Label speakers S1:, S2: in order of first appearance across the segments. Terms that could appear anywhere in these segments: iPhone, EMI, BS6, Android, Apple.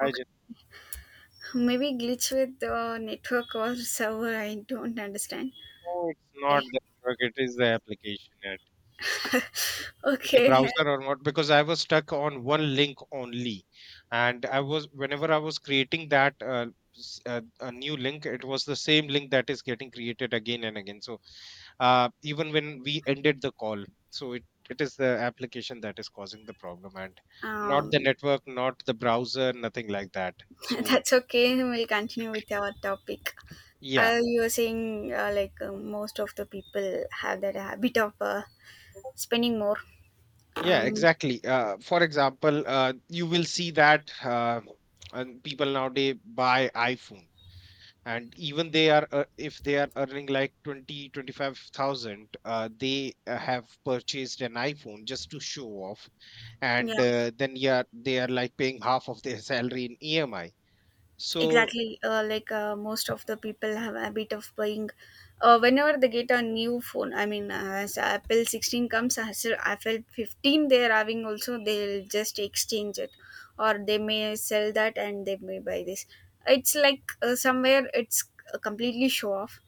S1: I
S2: Okay,
S1: just
S2: maybe glitch with the network or server. I don't understand.
S1: no, it's not
S2: Okay,
S1: the network, it is the application and the
S2: okay,
S1: browser or not, because I was stuck on one link only. And I was, whenever I was creating that a new link, it was the same link that is getting created again and again. So even when we ended the call, so it is the application that is causing the problem and not the
S2: um,
S1: network, not the browser, nothing like that. So
S2: that's okay. We'll continue with our topic.
S1: yeah.
S2: You were saying like most of the people have that habit of spending more.
S1: Yeah,
S2: Um,
S1: exactly. For example, you will see that and people nowadays buy iPhone, and even they are if they are earning like 20, 25,000, they have purchased an iPhone just to show off, and
S2: yeah.
S1: then yeah, they are like paying half of their salary in EMI. So,
S2: Exactly, like most of the people have a habit of buying. Whenever they get a new phone, I mean, as Apple 16 comes, as Apple 15 they are having also, they'll just exchange it, or they may sell that and they may buy this. It's like somewhere it's completely show off.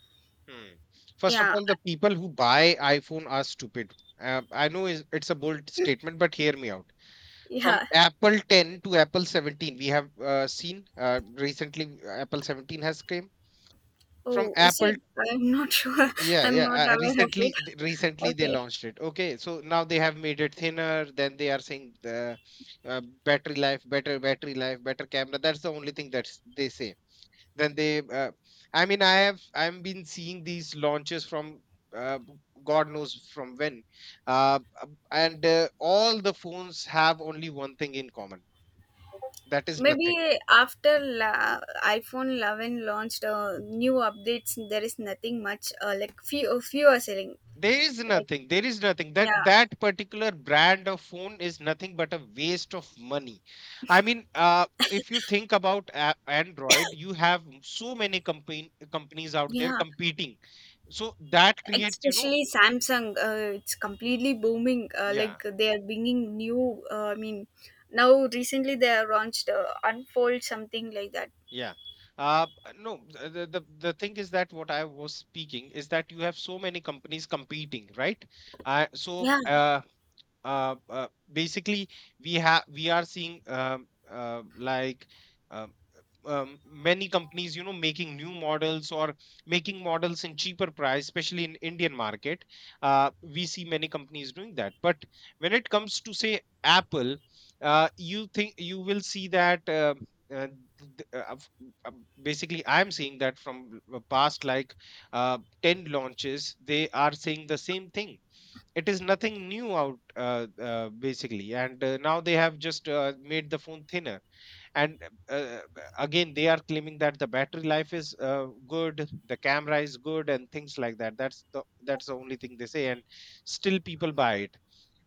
S1: hmm, first of
S2: Yeah,
S1: all, the people who buy iPhone are stupid. I know it's a bold statement, but hear me out from
S2: yeah.
S1: Apple 10 to Apple 17. We have seen, recently, Apple 17 has came from
S2: Oh, is
S1: Apple.
S2: it? I'm not sure.
S1: Yeah,
S2: I'm
S1: yeah.
S2: not
S1: Uh,
S2: aware of it.
S1: recently, recently they
S2: Okay.
S1: launched it. Okay, so now they have made it thinner. Then they are saying the battery life, better camera. That's the only thing that they say. Then they, uh, I mean, I've been seeing these launches from uh, God knows from when, and all the phones have only one thing in common. That is nothing.
S2: Maybe iPhone 11 launched new updates, there is nothing much like few are selling.
S1: There is
S2: Like
S1: nothing. There is nothing. That
S2: yeah,
S1: that particular brand of phone is nothing but a waste of money. I mean, if you think about Android, you have so many company companies out there
S2: yeah.
S1: competing. So that creates, you know,
S2: Especially Samsung, it's completely booming.
S1: yeah,
S2: Like they are bringing new. I mean, now recently they have launched Unfold something like that.
S1: yeah. Uh, no, the thing is that what I was speaking is that you have so many companies competing, right? Uh, so
S2: Yeah.
S1: uh, basically, we are seeing Uh, many companies, you know, making new models or making models in cheaper price, especially in indian market. We see many companies doing that, but when it comes to say apple, you think you will see that uh, th- uh, f- uh, basically I'm seeing that from the past like 10 launches they are saying the same thing. It is nothing new out, basically. And now they have just made the phone thinner. And uh, again they are claiming that the battery life is good, the camera is good, and things like that. That's the only thing they say, and still people buy it.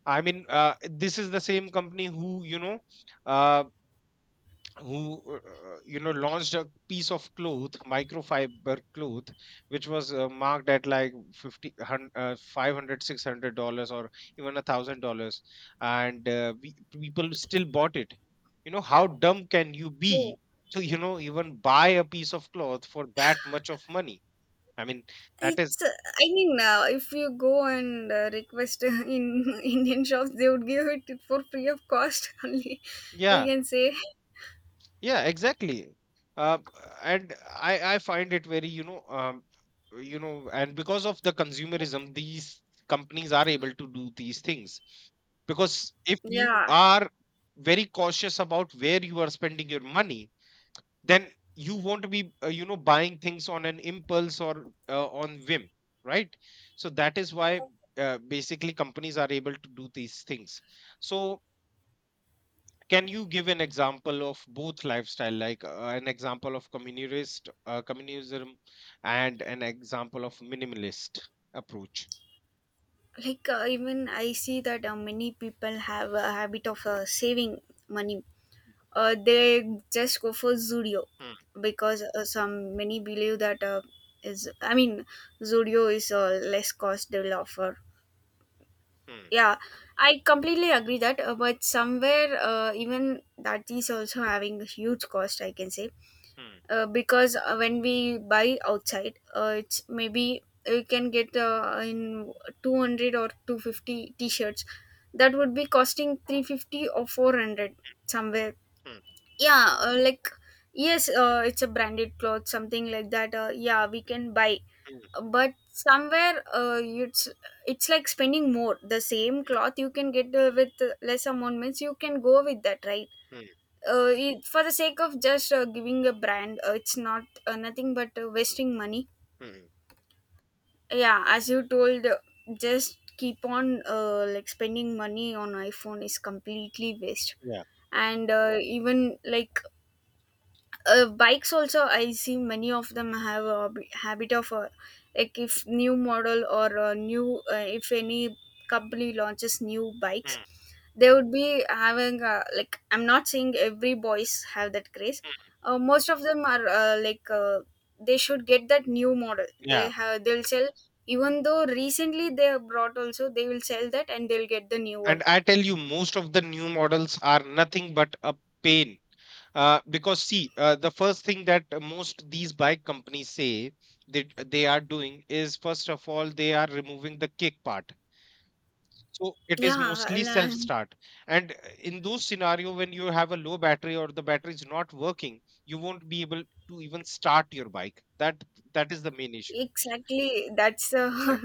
S1: I mean, this is the same company who, you know, uh, who you know, launched a piece of cloth, microfiber cloth, which was marked at like $500 or even $1,000. And people still bought it. You know, how dumb can you
S2: Oh.
S1: be to, you know, even buy a piece of cloth for that much of money? I mean, that is,
S2: It's, I mean, if you go and request in Indian shops, they would give it for free of cost only, we
S1: yeah,
S2: can say.
S1: yeah, exactly. Uh, and I find it very, you know, you know, and because of the consumerism, these companies are able to do these things. Because if you
S2: Yeah,
S1: are very cautious about where you are spending your money, then you won't be you know, buying things on an impulse or on whim, right? So that is why basically companies are able to do these things. So, can you give an example of both lifestyle, like an example of communist communism and an example of minimalist approach?
S2: like even I see that many people have a habit of saving money. They just go for Zudio
S1: Hmm,
S2: because some many believe that is I mean Zudio is a less cost they will offer.
S1: hmm,
S2: Yeah, I completely agree that, but somewhere even that is also having a huge cost. I can say
S1: hmm,
S2: because when we buy outside it's maybe we can get in 200 or 250 t-shirts that would be costing 350 or 400 somewhere.
S1: hmm,
S2: Yeah, like yes, it's a branded cloth something like that, yeah, we can buy,
S1: hmm,
S2: but somewhere it's like spending more. The same cloth you can get with less amount, means you can go with that, right?
S1: hmm,
S2: For the sake of just giving a brand, it's not nothing but wasting money.
S1: hmm, hmm.
S2: Yeah, as you told, just keep on like spending money on iphone is completely waste.
S1: Yeah.
S2: And even like bikes also, I see many of them have a habit of like if new model or new if any company launches new bikes,
S1: Hmm,
S2: they would be having like I'm not saying every boys have that craze.
S1: hmm.
S2: Most of them are they should get that new model. They
S1: Yeah.
S2: have, they'll sell, even though recently they have brought also, they will sell that and they'll get the new one.
S1: And I tell you, most of the new models are nothing but a pain. Because see, the first thing that most these bike companies say that they are doing is, first of all, they are removing the kick part. So it is mostly self
S2: Yeah.
S1: start. And in those scenario when you have a low battery or the battery is not working, you won't be able to even start your bike. That is the main issue.
S2: Exactly. That's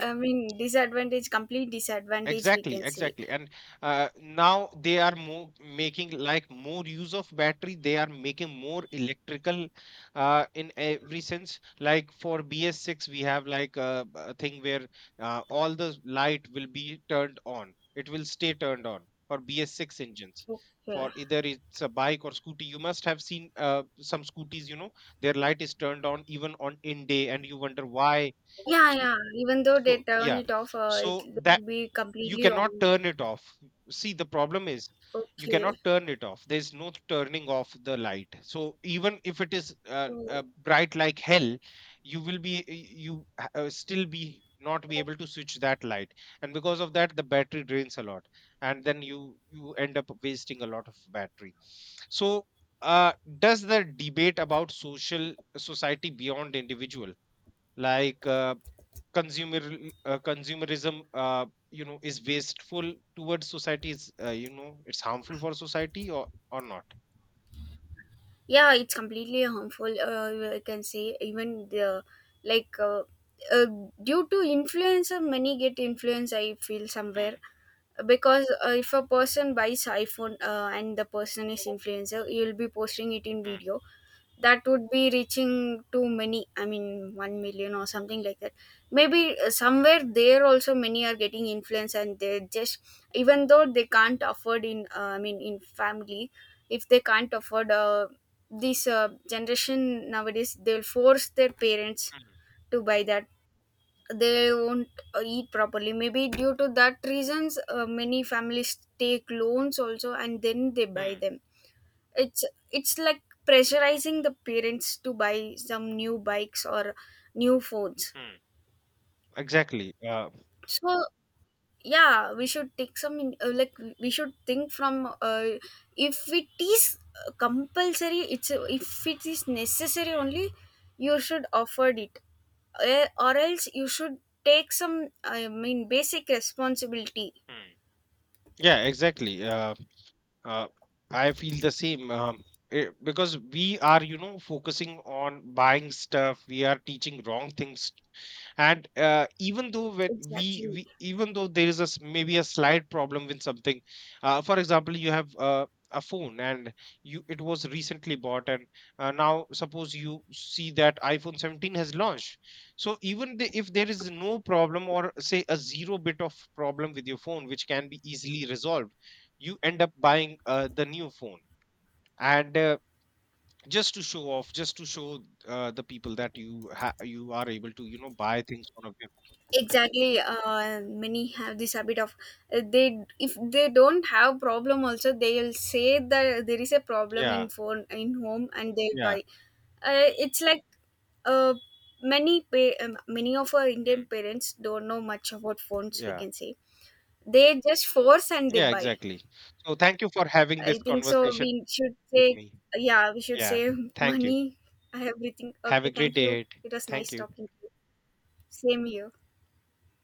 S2: I mean disadvantage, complete disadvantage, we
S1: Exactly,
S2: can say.
S1: exactly. And now they are more making like more use of battery. They are making more electrical in every sense. Like for BS6, we have like a thing where all the light will be turned on. It will stay turned on for BS6 engines. For
S2: Okay.
S1: either it's a bike or scooty, you must have seen some scooties, you know, their light is turned on even on in day, and you wonder why.
S2: Yeah,
S1: So,
S2: yeah. Even though they
S1: so,
S2: turn
S1: yeah.
S2: it off, it
S1: So
S2: will be
S1: you
S2: completely
S1: cannot
S2: on.
S1: turn it off. See, the problem is you
S2: Okay.
S1: cannot turn it off. There's no turning off the light, so even if it is
S2: Oh.
S1: bright like hell, you still be not be able to switch that light. And because of that the battery drains a lot. And then you end up wasting a lot of battery. So uh, does the debate about social society beyond individual, like consumer consumerism, you know, is wasteful towards society, is you know, it's harmful for society or not?
S2: Yeah, it's completely harmful. I can say even the like uh, due to influencer, many get influence. I feel
S1: Hmm,
S2: somewhere because if a person buys iphone and the person is influencer, you'll be posting it in
S1: hmm,
S2: video that would be reaching to many, I mean 1 million or something like that. Maybe somewhere there also many are getting influence, and they just, even though they can't afford in I mean in family, if they can't afford this generation nowadays, they'll force their parents
S1: hmm,
S2: to buy that. They won't eat properly. Maybe due to that reasons, many families take loans also, and then they buy
S1: hmm,
S2: them. It's it's like pressurizing the parents to buy some new bikes or new phones.
S1: hmm, exactly,
S2: So yeah, we should take some in- like we should think from, if it is compulsory, it's if it is necessary
S1: hmm,
S2: only, you should afford it. Or else you should take some, I mean, basic responsibility.
S1: hmm. Yeah, exactly. Uh, I feel the same. Because we are, you know, focusing on buying stuff, we are teaching wrong things. And even though when
S2: Exactly,
S1: we even though there is maybe a slight problem with something. For example, you have a phone and you it was recently bought. And now suppose you see that iphone 17 has launched, so even if there is no problem or say a zero bit of problem with your phone which can be easily resolved, you end up buying the new phone. And just to show off, just to show the people that you are able to, you know, buy things on a whim.
S2: exactly. Many have this habit of, they, if they don't have problem also, they'll say that there is a problem in
S1: Yeah,
S2: phone in home, and they'll buy.
S1: yeah,
S2: It's like, uh, many of our indian
S1: mm,
S2: parents don't know much about phones, we
S1: yeah,
S2: can say. They just force and they
S1: yeah,
S2: buy.
S1: exactly. So thank you for having
S2: I
S1: this
S2: think so, we
S1: conversation
S2: should say.
S1: with me.
S2: Yeah, we should
S1: Yeah,
S2: say.
S1: thank you.
S2: Money, everything
S1: Have
S2: okay,
S1: a great
S2: thank
S1: day
S2: you.
S1: ahead.
S2: It was
S1: Thank
S2: nice
S1: you.
S2: talking to you. Same here.